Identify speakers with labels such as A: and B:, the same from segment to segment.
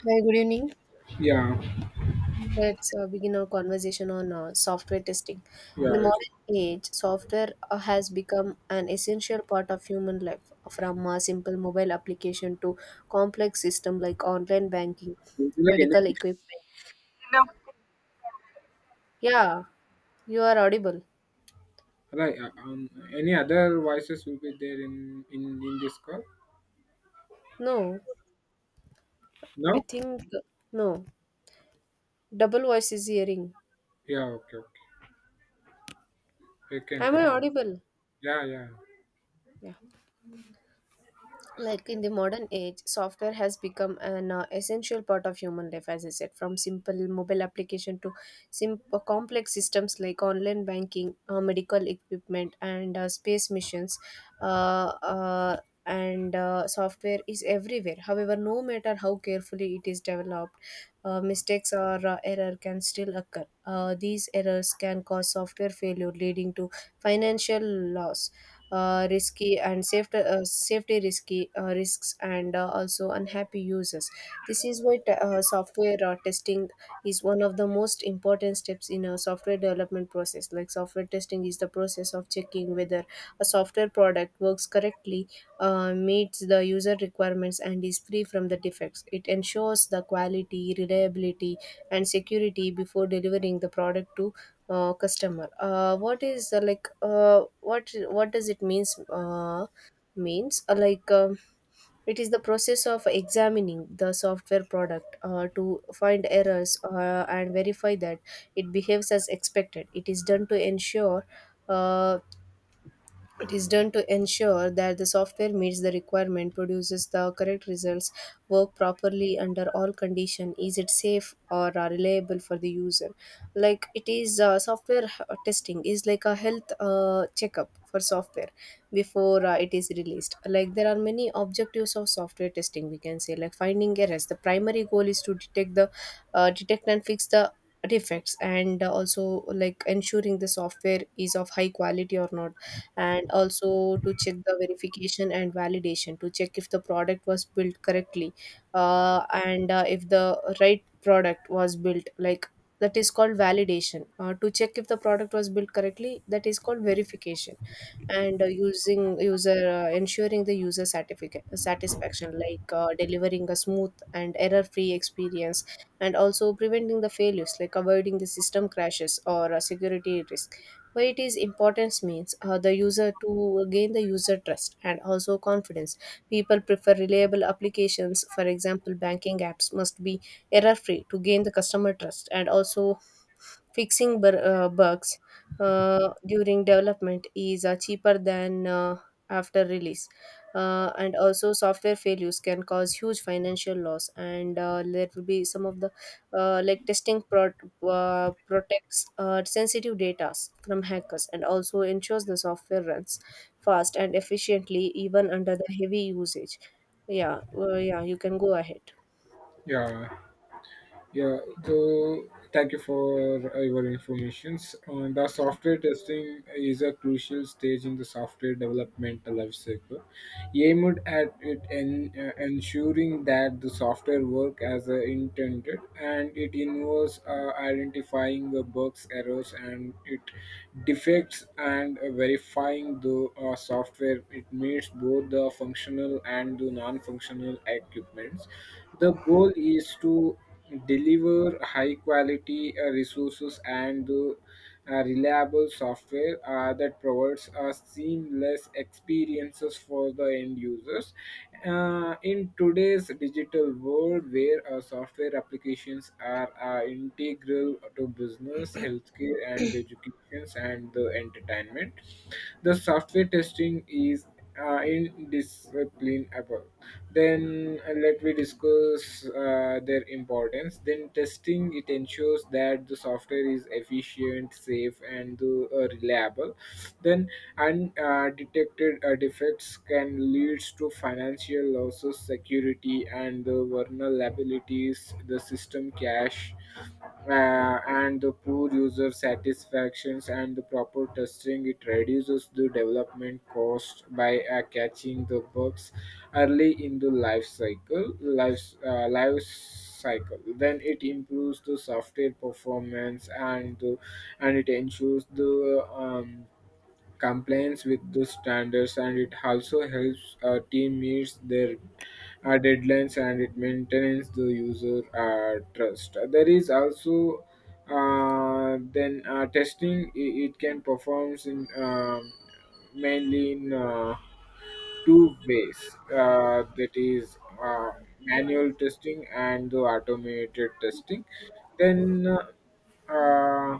A: Hi, good evening.
B: Yeah,
A: Let's begin our conversation on software testing. In
B: yeah.
A: the
B: it's-
A: modern age, software has become an essential part of human life, from a simple mobile application to complex system like online banking,
B: Like any,
A: medical equipment. Yeah, you are audible.
B: right? Any other voices will be there in this call?
A: No, I
B: No.
A: think no. Double voice is hearing.
B: Yeah. Okay. Okay. We can
A: Am I
B: continue.
A: audible?
B: Yeah. Yeah.
A: Yeah. Like in the modern age, software has become an essential part of human life, as I said, from simple mobile application to simple complex systems like online banking, medical equipment, and space missions uh, uh, and software is everywhere. However, no matter how carefully it is developed, mistakes or error can still occur. These errors can cause software failure, leading to financial loss, risky and safety, safety risky risks, and also unhappy users. This is why software testing is one of the most important steps in a software development process. Like, software testing is the process of checking whether a software product works correctly, meets the user requirements, and is free from the defects. It ensures the quality, reliability, and security before delivering the product to customer. What is what does it means? Means it is the process of examining the software product to find errors and verify that it behaves as expected. It is done to ensure uh, it is done to ensure that the software meets the requirement, produces the correct results, work properly under all condition, is it safe or reliable for the user. Like, it is software h- testing is like a health checkup for software before it is released. Like, there are many objectives of software testing. We can say, like, finding errors. The primary goal is to detect the detect and fix the defects, and also like ensuring the software is of high quality or not, and also to check the verification and validation, to check if the product was built correctly and if the right product was built. Like, that is called validation. To check if the product was built correctly, that is called verification. And using user ensuring the user certificate satisfaction, like delivering a smooth and error free experience, and also preventing the failures like avoiding the system crashes or security risks. Where it is importance means the user to gain the user trust and also confidence. People prefer reliable applications. For example, banking apps must be error free to gain the customer trust. And also fixing bugs during development is cheaper than after release. And also, software failures can cause huge financial loss. And there will be some of the like testing protects sensitive data from hackers, and also ensures the software runs fast and efficiently even under the heavy usage. Yeah, yeah, you can go ahead.
B: Yeah. Yeah, so thank you for your informations. And the software testing is a crucial stage in the software development lifecycle, aimed at ensuring that the software work as intended, and it involves identifying the bugs, errors, and it defects, and verifying the software. It meets both the functional and the non-functional equipments. The goal is to deliver high quality resources and reliable software that provides a seamless experiences for the end users. In today's digital world, where software applications are integral to business, healthcare, and education and the entertainment, the software testing is indisciplinable. Then let me discuss their importance. Then testing, it ensures that the software is efficient, safe, and reliable. Then and Detected defects can lead to financial losses, security, and the vulnerabilities, the system cache, and the poor user satisfactions, and the proper testing. It reduces the development cost by catching the bugs early in the life cycle. Life cycle, then it improves the software performance and it ensures the compliance with the standards, and it also helps team meets their deadlines, and it maintains the user trust. There is also then Testing, it can perform in mainly in two ways, that is, manual testing and the automated testing. Then uh,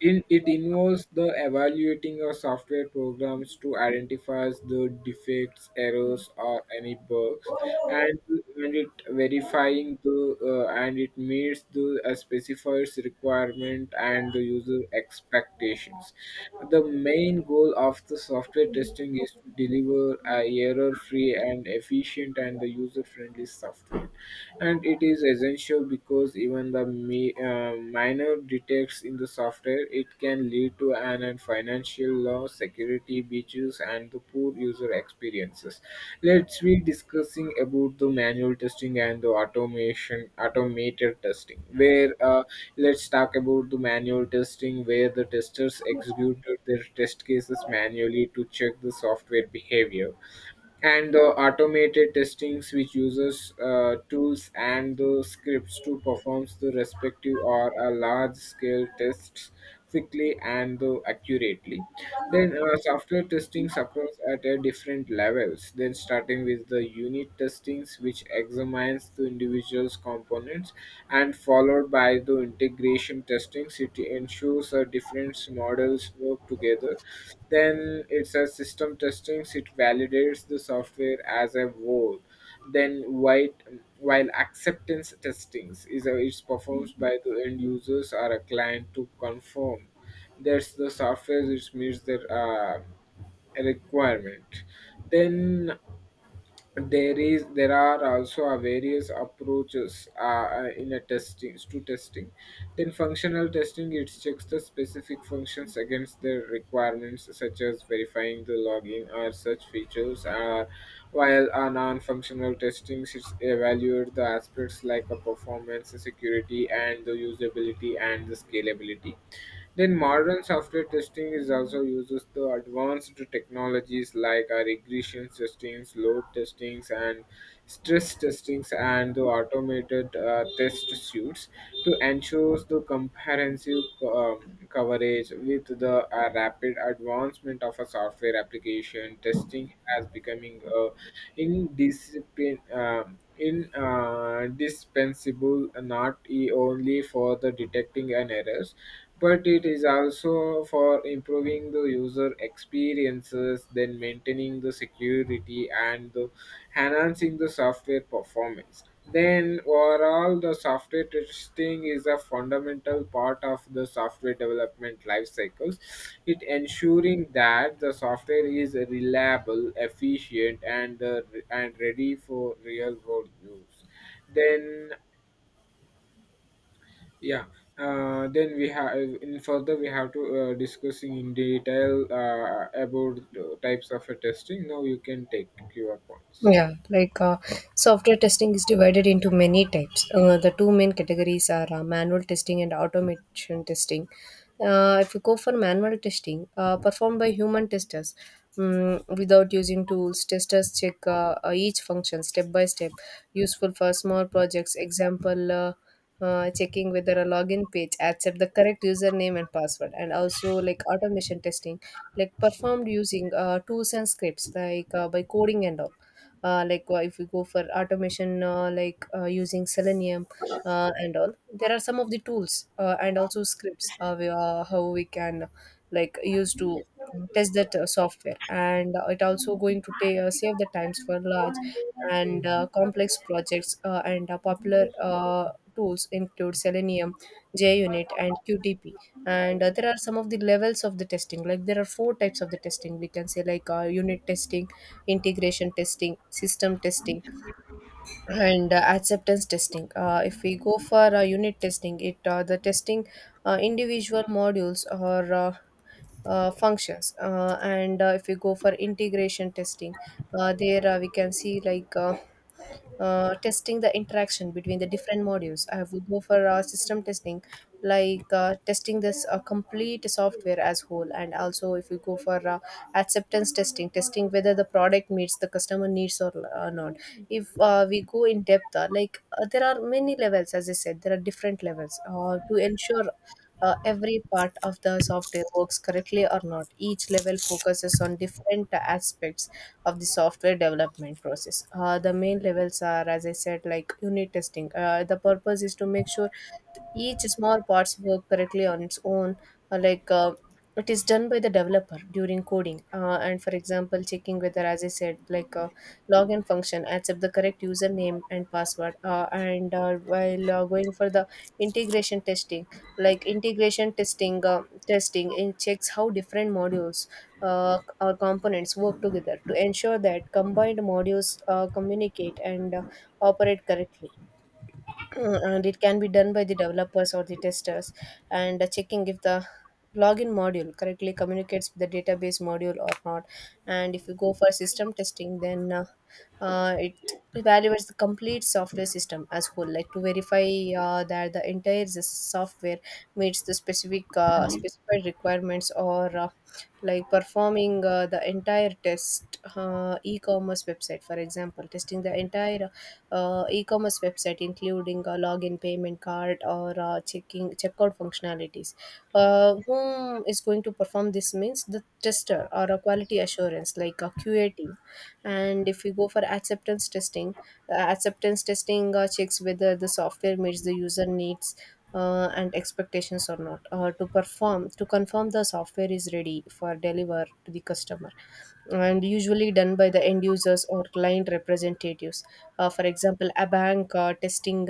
B: in, it involves the evaluating of software programs to identify the defects, errors, or any bugs, and, and it verifying the and it meets the specified requirement and the user expectations. The main goal of the software testing is to deliver a error-free and efficient and the user-friendly software, and it is essential because even the minor defects in the software, it can lead to an and financial loss, security breaches, and the poor user experiences. Let's be discussing about the manual testing and the automation automated testing. Where Let's talk about the manual testing, where the testers executed their test cases manually to check the software behavior, and the automated testings which uses tools and the scripts to perform the respective or a large scale tests quickly and accurately. Then software testings occurs at a different levels, then starting with the unit testings which examines the individual's components, and followed by powered by the integration testing city ensures our different models work together. Then it's a system testing, it validates the software as a whole. Then white while acceptance testings is a, it's performed by the end users or a client to confirm that's the software which meets their requirement. Then there is There are also a various approaches in a testing to testing. Then functional testing, it checks the specific functions against the requirements, such as verifying the login or such features. While a non-functional testing, it evaluates the aspects like a performance, security, and the usability and the scalability. Then modern software testing is also uses the advanced technologies like regression testings, load testings, and stress testings, and the automated test suites to ensure the comprehensive coverage. With the rapid advancement of a software application, testing has becoming a indiscipline. Indispensable, not only for the detecting an errors, but it is also for improving the user experiences, then maintaining the security and the enhancing the software performance. Then overall, the software testing is a fundamental part of the software development life cycles. It ensuring that the software is reliable, efficient, and ready for real world use. Then Yeah. Then we have in further We have to discussing in detail about types of testing. Now you can take your points.
A: Yeah, like software testing is divided into many types. The two main categories are manual testing and automation testing. If you go for manual testing, performed by human testers without using tools, testers check each function step by step, useful for small projects. Example, checking whether a login page accept the correct username and password. And also, like, automation testing, like performed using tools and scripts, like by coding and all. If we go for automation, using selenium and all, there are some of the tools and also scripts. We, how we can like use to test that software, and it also going to save the times for large and complex projects. And popular tools include Selenium, JUnit, and QTP. And there are some of the levels of the testing. Like, there are four types of the testing. We can say, like, unit testing, integration testing, system testing, and acceptance testing. If we go for unit testing, it the testing individual modules or functions. And if we go for integration testing, there we can see like testing the interaction between the different modules. I would go for system testing, like testing this complete software as whole. And also, if we go for acceptance testing, testing whether the product meets the customer needs or not. If we go in depth, there are many levels, as I said. There are different levels to ensure every part of the software works correctly or not. Each level focuses on different aspects of the software development process. The main levels are, as I said, like unit testing. The purpose is to make sure each small parts work correctly on its own, uh, like. Uh, it is done by the developer during coding. And for example, checking whether, as I said, like, login function accept the correct username and password. And while going for the integration testing, like integration testing, testing, it checks how different modules or components work together to ensure that combined modules communicate and operate correctly. And it can be done by the developers or the testers, and checking if the login module correctly communicates with the database module or not. And if you go for system testing, then it evaluates the complete software system as whole, like, to verify that the entire software meets the specific specified requirements, or like performing the entire test e-commerce website. For example, testing the entire e-commerce website, including a login, payment card, or checking checkout functionalities. Whom is going to perform this means the tester, or a quality assurance, like a QA team. And if we go for acceptance testing, acceptance testing checks whether the software meets the user needs and expectations or not. To perform, to confirm the software is ready for deliver to the customer, and usually done by the end users or client representatives. For example, a bank testing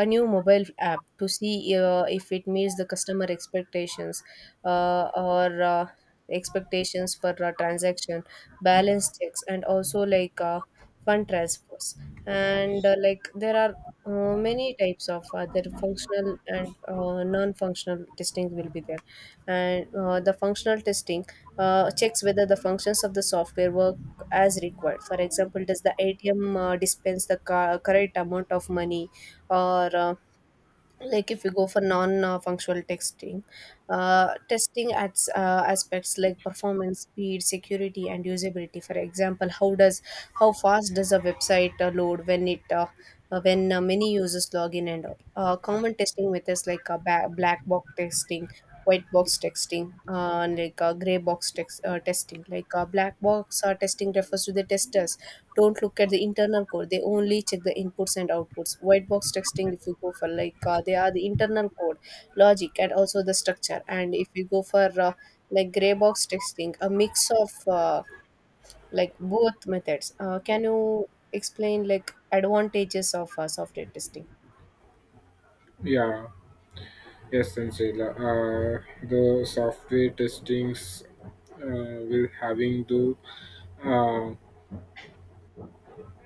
A: a new mobile app to see if it meets the customer expectations or expectations for transaction, balance checks, and also like fund transfers. And like, there are many types of other functional and non-functional testing will be there. And the functional testing checks whether the functions of the software work as required. For example, does the atm dispense the correct amount of money, or like, if you go for non-functional texting, testing at aspects like performance, speed, security, and usability. For example, how fast does a website load when it when many users log in and all. Common testing methods like black box testing, white box texting, and like gray box testing. Like black box testing refers to the testers don't look at the internal code, they only check the inputs and outputs. White box texting, if you go for, like, they are the internal code, logic, and also the structure. And if you go for like gray box texting, a mix of like both methods. Can you explain, like, advantages of software testing?
B: Yeah. Yes, Sanjayla. The software testings will having to. Uh,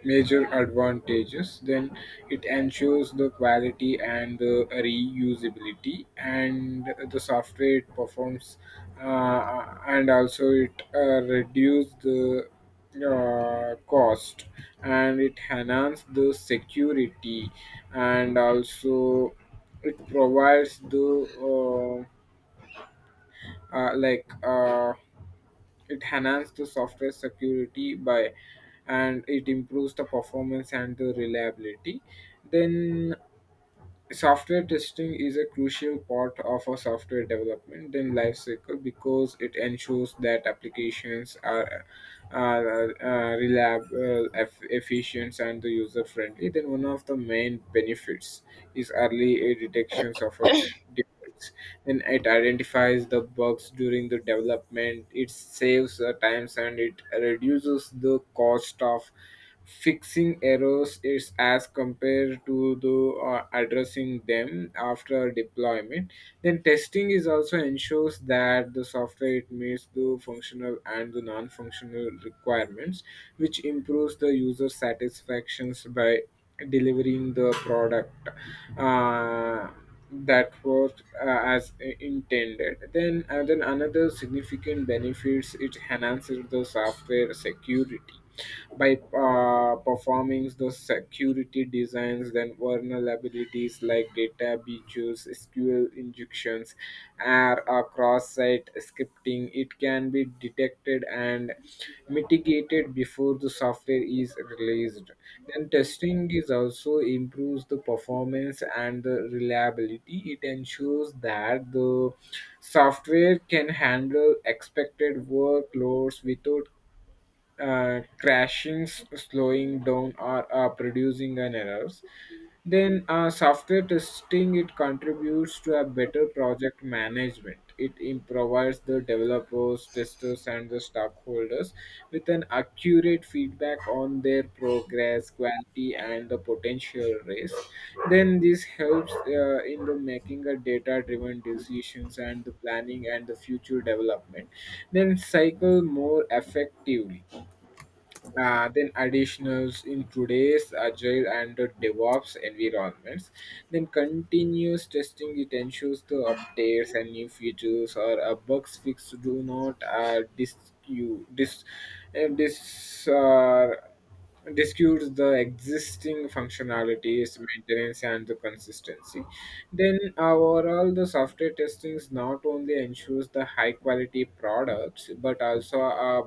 B: major advantages. Then it ensures the quality and the reusability, and the software it performs, and also it reduce the cost, and it enhances the security, and also it provides the uh, uh, like uh, it enhances the software security by, and it improves the performance and the reliability. Then software testing is a crucial part of a software development then life cycle, because it ensures that applications are reliable, efficient, and the user friendly. Then one of the main benefits is early detections of a materials, and it identifies the bugs during the development. It saves times and it reduces the cost of fixing errors, is as compared to the addressing them after deployment. Then testing is also ensures that the software it meets the functional and the non-functional requirements, which improves the user satisfactions by delivering the product uh, that worked as intended. Then another significant benefits, it enhances the software security by performing the security designs. Then vulnerabilities like data breaches, sql injections, or cross-site scripting, it can be detected and mitigated before the software is released. Then testing is also improves the performance and the reliability. It ensures that the software can handle expected workloads without crashing, slowing down, or producing an errors. Then software testing, it contributes to a better project management. It improves the developers, testers, and the stockholders with an accurate feedback on their progress, quality, and the potential risk. Then this helps in the making a data-driven decisions and the planning and the future development. Then cycle more effectively. Then additionals, in today's agile and the DevOps environments, then continuous testing, it ensures the updates and new features or a bugs fix do not dis you dis dis disputes the existing functionalities, maintenance, and the consistency. Then overall, the software testing not only ensures the high quality products, but also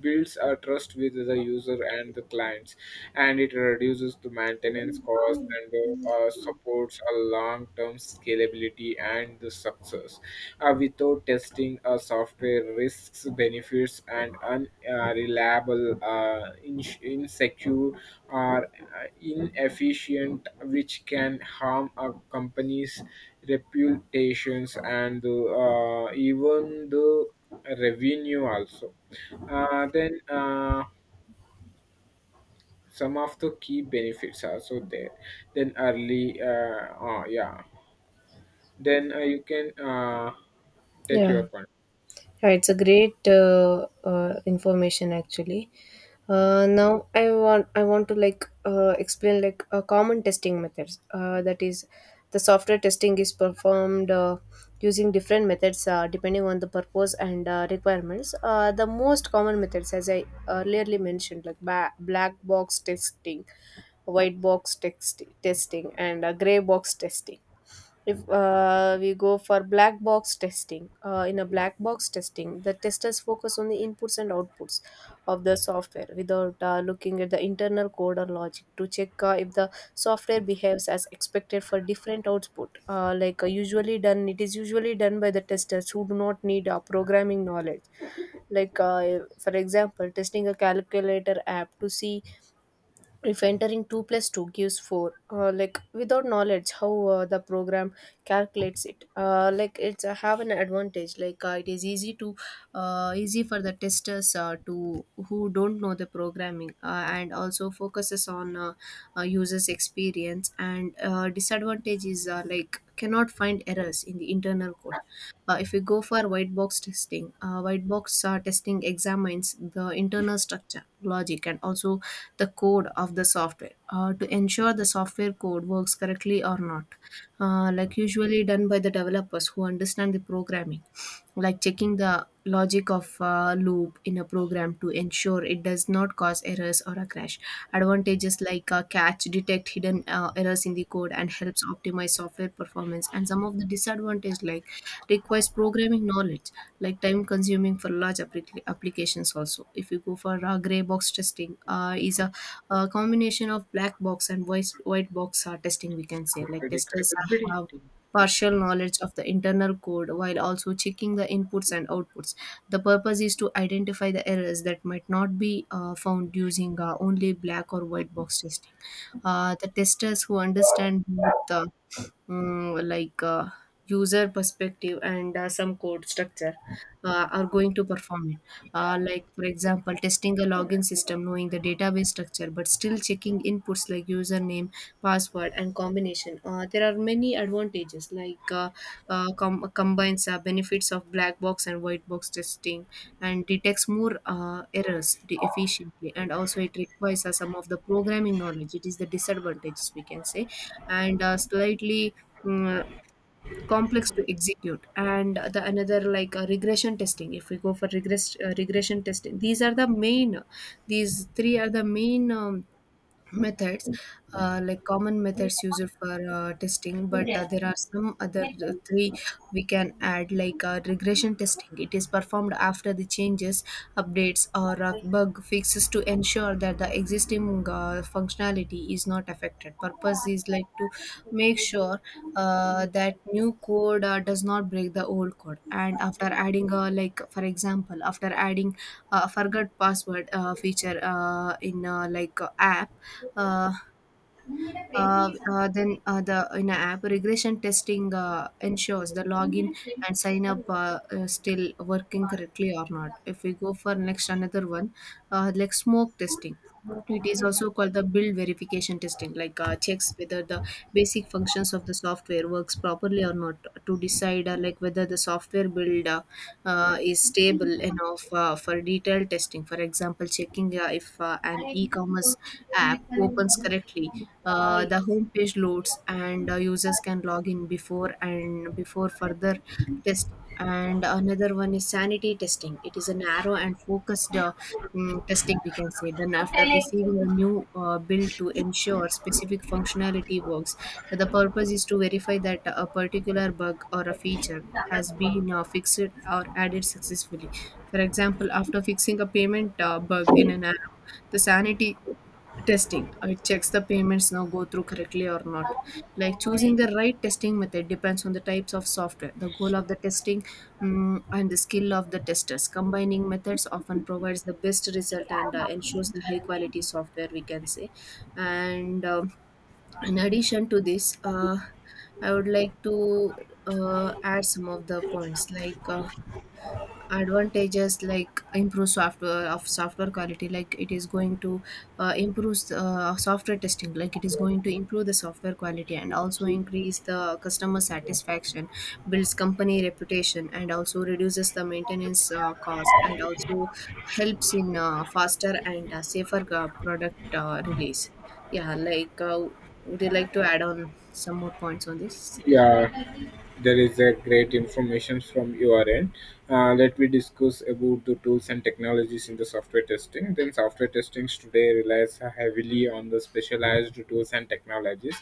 B: builds a trust with the user and the clients, and it reduces the maintenance cost, and supports a long term scalability and the success. Without testing, a software risks benefits and unreliable, insecure, or inefficient, which can harm a company's reputations, and even the revenue also. Then Some of the key benefits are also there. Then early oh, yeah, then you can take
A: Yeah.
B: your point.
A: Yeah, it's a great information actually. Now I want to like explain like common testing methods. That is, the software testing is performed using different methods depending on the purpose and requirements. The most common methods, as I earlierly mentioned, like black box testing, testing, and gray box testing. If we go for black box testing, in a black box testing the testers focus on the inputs and outputs of the software without looking at the internal code or logic to check if the software behaves as expected for different output, like usually done it is usually done by the testers who do not need programming knowledge. For example, testing a calculator app to see if entering 2 plus 2 gives 4, without knowledge how the program calculates it. Like it's Have an advantage, like it is easy to easy for the testers to who don't know the programming, and also focuses on users experience. And disadvantage is, like cannot find errors in the internal code. If we go for white box testing examines the internal structure, logic, and also the code of the software to ensure the software code works correctly or not. Like, usually done by the developers who understand the programming, like checking the logic of a loop in a program to ensure it does not cause errors or a crash. Advantages like catch, detect hidden errors in the code, and helps optimize software performance. And some of the disadvantages, like requires programming knowledge, like time consuming for large applications. Also, if you go for gray box testing, is a combination of black box and white box testing. We can say like testers partial knowledge of the internal code while also checking the inputs and outputs. The purpose is to identify the errors that might not be found using only black or white box testing. The testers who understand both, mm, like uh, user perspective and some code structure are going to perform it. Like for example, testing a login system knowing the database structure but still checking inputs like username, password, and combination. There are many advantages, like combines benefits of black box and white box testing and detects more errors efficiently. And also it requires some of the programming knowledge, it is the disadvantages, we can say, and slightly mm, complex to execute. And the another, like regression testing if we go for regress regression testing, these are the main, these three are the main methods, like common methods used for testing. But there are some other three we can add, like regression testing. It is performed after the changes, updates, or bug fixes to ensure that the existing functionality is not affected. Purpose is like to make sure that new code does not break the old code. And after adding, like for example, after adding forgot password feature in like app, uh, the in a app regression testing ensures the login and sign up still working correctly or not. If we go for next another one, like smoke testing. It is also called the build verification testing, like checks whether the basic functions of the software works properly or not, to decide like whether the software build is stable enough for detailed testing. For example, checking if an e-commerce app opens correctly, the homepage loads, and users can log in before and before further testing. And another one is sanity testing. It is a narrow and focused testing, we can say. Then, after receiving a new build to ensure specific functionality works, the purpose is to verify that a particular bug or a feature has been fixed or added successfully. For example, after fixing a payment bug in an app, the sanity testing, it checks the payments now go through correctly or not. Like, choosing the right testing method depends on the types of software, the goal of the testing, and the skill of the testers. Combining methods often provides the best result and ensures the high quality software, we can say. And in addition to this, I would like to add some of the points, like advantages like improve software of software quality, like it is going to improve software testing like it is going to improve the software quality, and also increase the customer satisfaction, builds company reputation, and also reduces the maintenance cost, and also helps in faster and safer product release. yeah like uh, would you like to add on some more points on this?
B: Yeah, there is a great information from your end. Let me discuss about the tools and technologies in the software testing. Then software testing today relies heavily on the specialized tools and technologies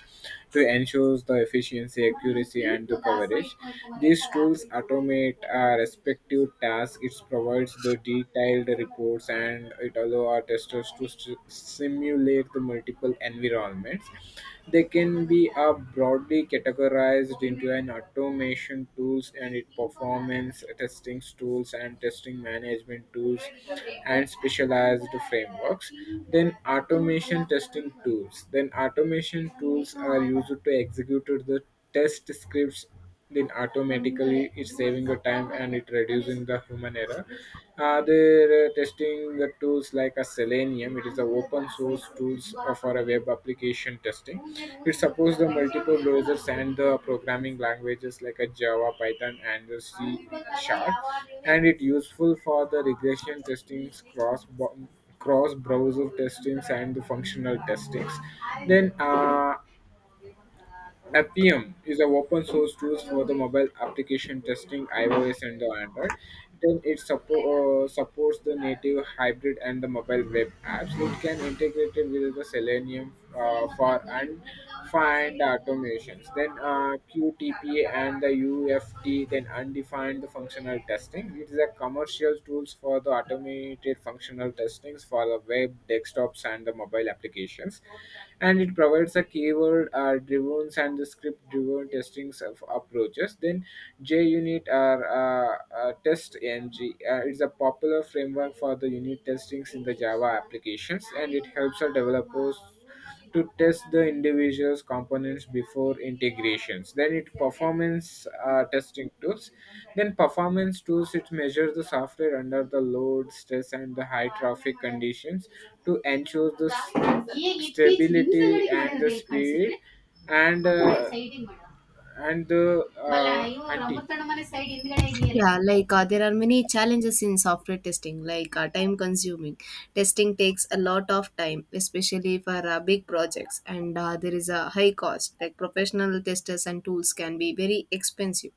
B: to ensure the efficiency, accuracy, and the coverage. These tools automate our respective tasks. It provides the detailed reports, and it allows our testers to simulate the multiple environments. They can be are broadly categorized into an automation tools, and it performance testing tools, and testing management tools, and specialized frameworks. Then automation testing tools. Then automation tools are used to execute the test scripts, then automatically, it's saving the time and it reducing the human error. Their Testing the tools like a Selenium, it is an open source tools for a web application testing. It supports the multiple browsers and the programming languages like a Java, Python, and the C Sharp, and it useful for the regression testings, cross browser testings, and the functional testings. Then Appium is an open source tool for the mobile application testing iOS and the Android. Then it supports the native hybrid and the mobile web apps. It can integrate it with the Selenium for and find automations. Then QTP and the UFT, then undefined functional testing. It is a commercial tools for the automated functional testings for the web, desktops, and the mobile applications, and it provides a keyword driven and the script driven testing of approaches. Then JUnit or test ng, it's a popular framework for the unit testings in the java applications, and it helps our developers to test the individual's components before integrations. Then it performance testing tools. Then performance tools, it measures the software under the load, stress, and the high traffic conditions to ensure the stability and the speed, and uh, and the anti.
A: Yeah, like there are many challenges in software testing, like time consuming. Testing takes a lot of time, especially for big projects, and there is a high cost. Like professional testers and tools can be very expensive.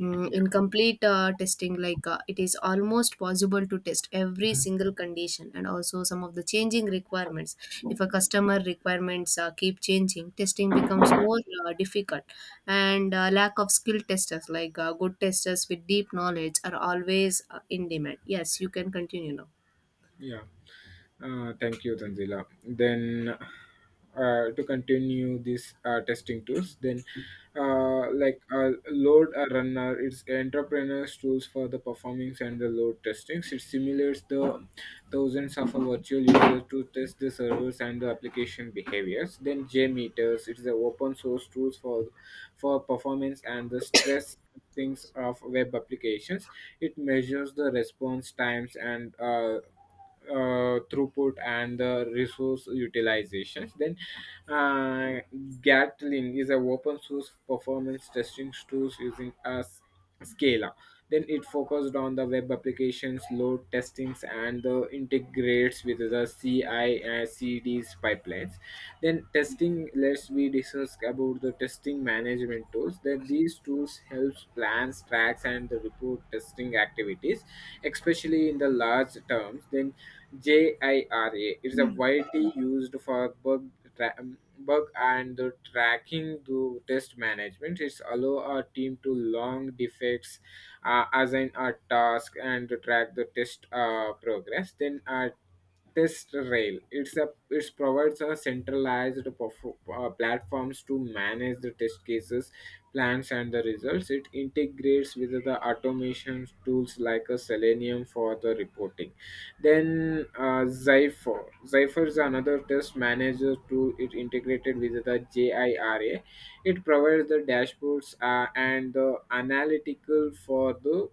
B: Yeah.
A: In complete testing, like it is almost most possible to test every single condition. And also some of the changing requirements, if a customer requirements keep changing, testing becomes more difficult. And lack of skilled testers, like good testers with deep knowledge are always in demand. Yes, you can continue now.
B: Yeah. Thank you, Tanzila. Then, to continue this testing tools, then load a runner, it's entrepreneurs tools for the performance and the load testings. It simulates the thousands of a virtual users to test the servers and the application behaviors. Then JMeters, it's the open source tools for performance and the stress things of web applications. It measures the response times, and throughput and the resource utilizations. Then uh, Gatling is a open source performance testing tools using a Scala. Then it focused on the web applications, load testings, and the integrates with the CI and CD's pipelines. Then testing, let's we discuss about the testing management tools. That these tools helps plans, tracks, and the report testing activities, especially in the large terms. Then JIRA is a, it's a widely used for bug, bug and the tracking to test management. It allow a team to long defects, assign a task, and to track the test progress. Then a test rail. It's a, it provides a centralized platforms to manage the test cases, plans, and the results. It integrates with the automation tools like a Selenium for the reporting. Then Zypher is another test manager tool. It integrated with the JIRA. It provides the dashboards and the analytical for the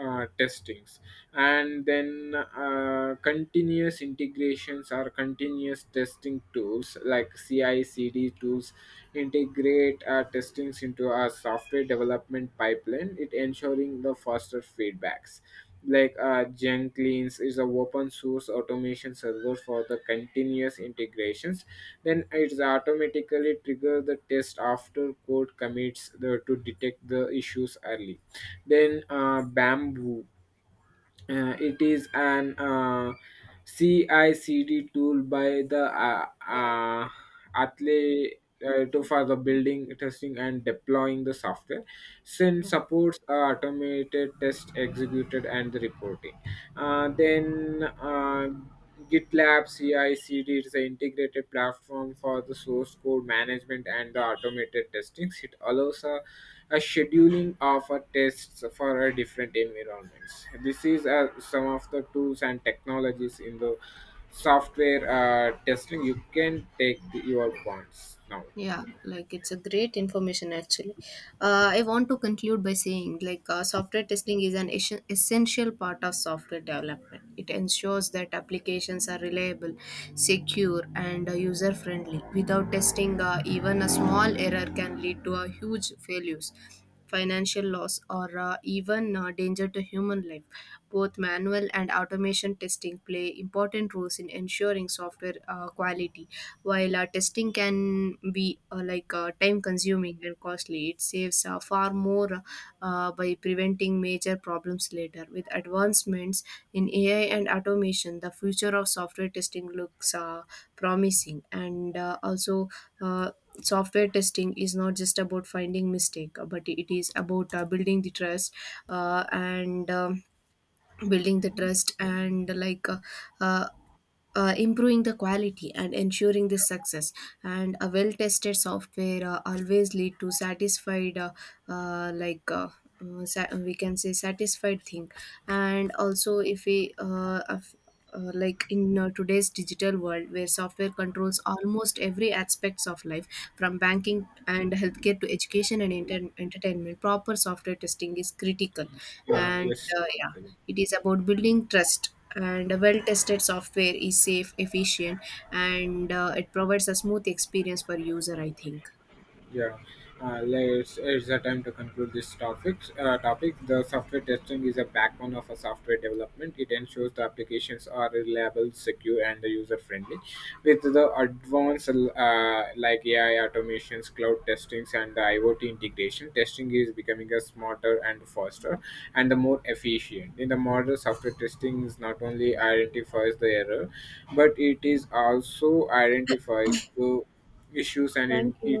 B: testings. And then continuous integrations or continuous testing tools like ci cd tools integrate our testings into our software development pipeline, it ensuring the faster feedbacks. Like jenkins is a open source automation server for the continuous integrations. Then it's automatically trigger the test after code commits the, to detect the issues early. Then bamboo. It is an CICD tool by the athlete to for the building, testing, and deploying the software. SIN
A: Yeah
B: supports automated test executed and the reporting. Then GitLab CI/CD is an integrated platform for the source code management and the automated testing. It allows a scheduling of a tests for a different environments. This is some of the tools and technologies in the software testing. You can take the, your points now.
A: yeah like It's a great information actually. I want to conclude by saying, like software testing is an essential part of software development. It ensures that applications are reliable, secure, and user friendly. Without testing, even a small error can lead to a huge failures, financial loss, or even danger to human life. Both manual and automation testing play important roles in ensuring software quality. While testing can be, time consuming and costly, it saves far more by preventing major problems later. With advancements in AI and automation, the future of software testing looks promising and also. Uh, Software testing is not just about finding mistake, but it is about uh, and um, building the trust, and like uh, improving the quality and ensuring this success. And a well tested software always lead to satisfied, uh, like uh, we can say satisfied thing. And also if we of- like in today's digital world where software controls almost every aspects of life, from banking and healthcare to education and entertainment, proper software testing is critical.
B: You
A: And
B: must-
A: yeah, it is about building trust, and a well tested software is safe, efficient, and it provides a smooth experience for user, I think.
B: Yeah, let's. It's a time to conclude this topic. Topic: The software testing is a backbone of a software development. It ensures the applications are reliable, secure, and user friendly. With the advanced like AI automations, cloud testings, and the IoT integration, testing is becoming a smarter and faster, and the more efficient. In the modern software testing, is not only identifies the error, but it is also identifies the issues and
A: Thank
B: it
A: you.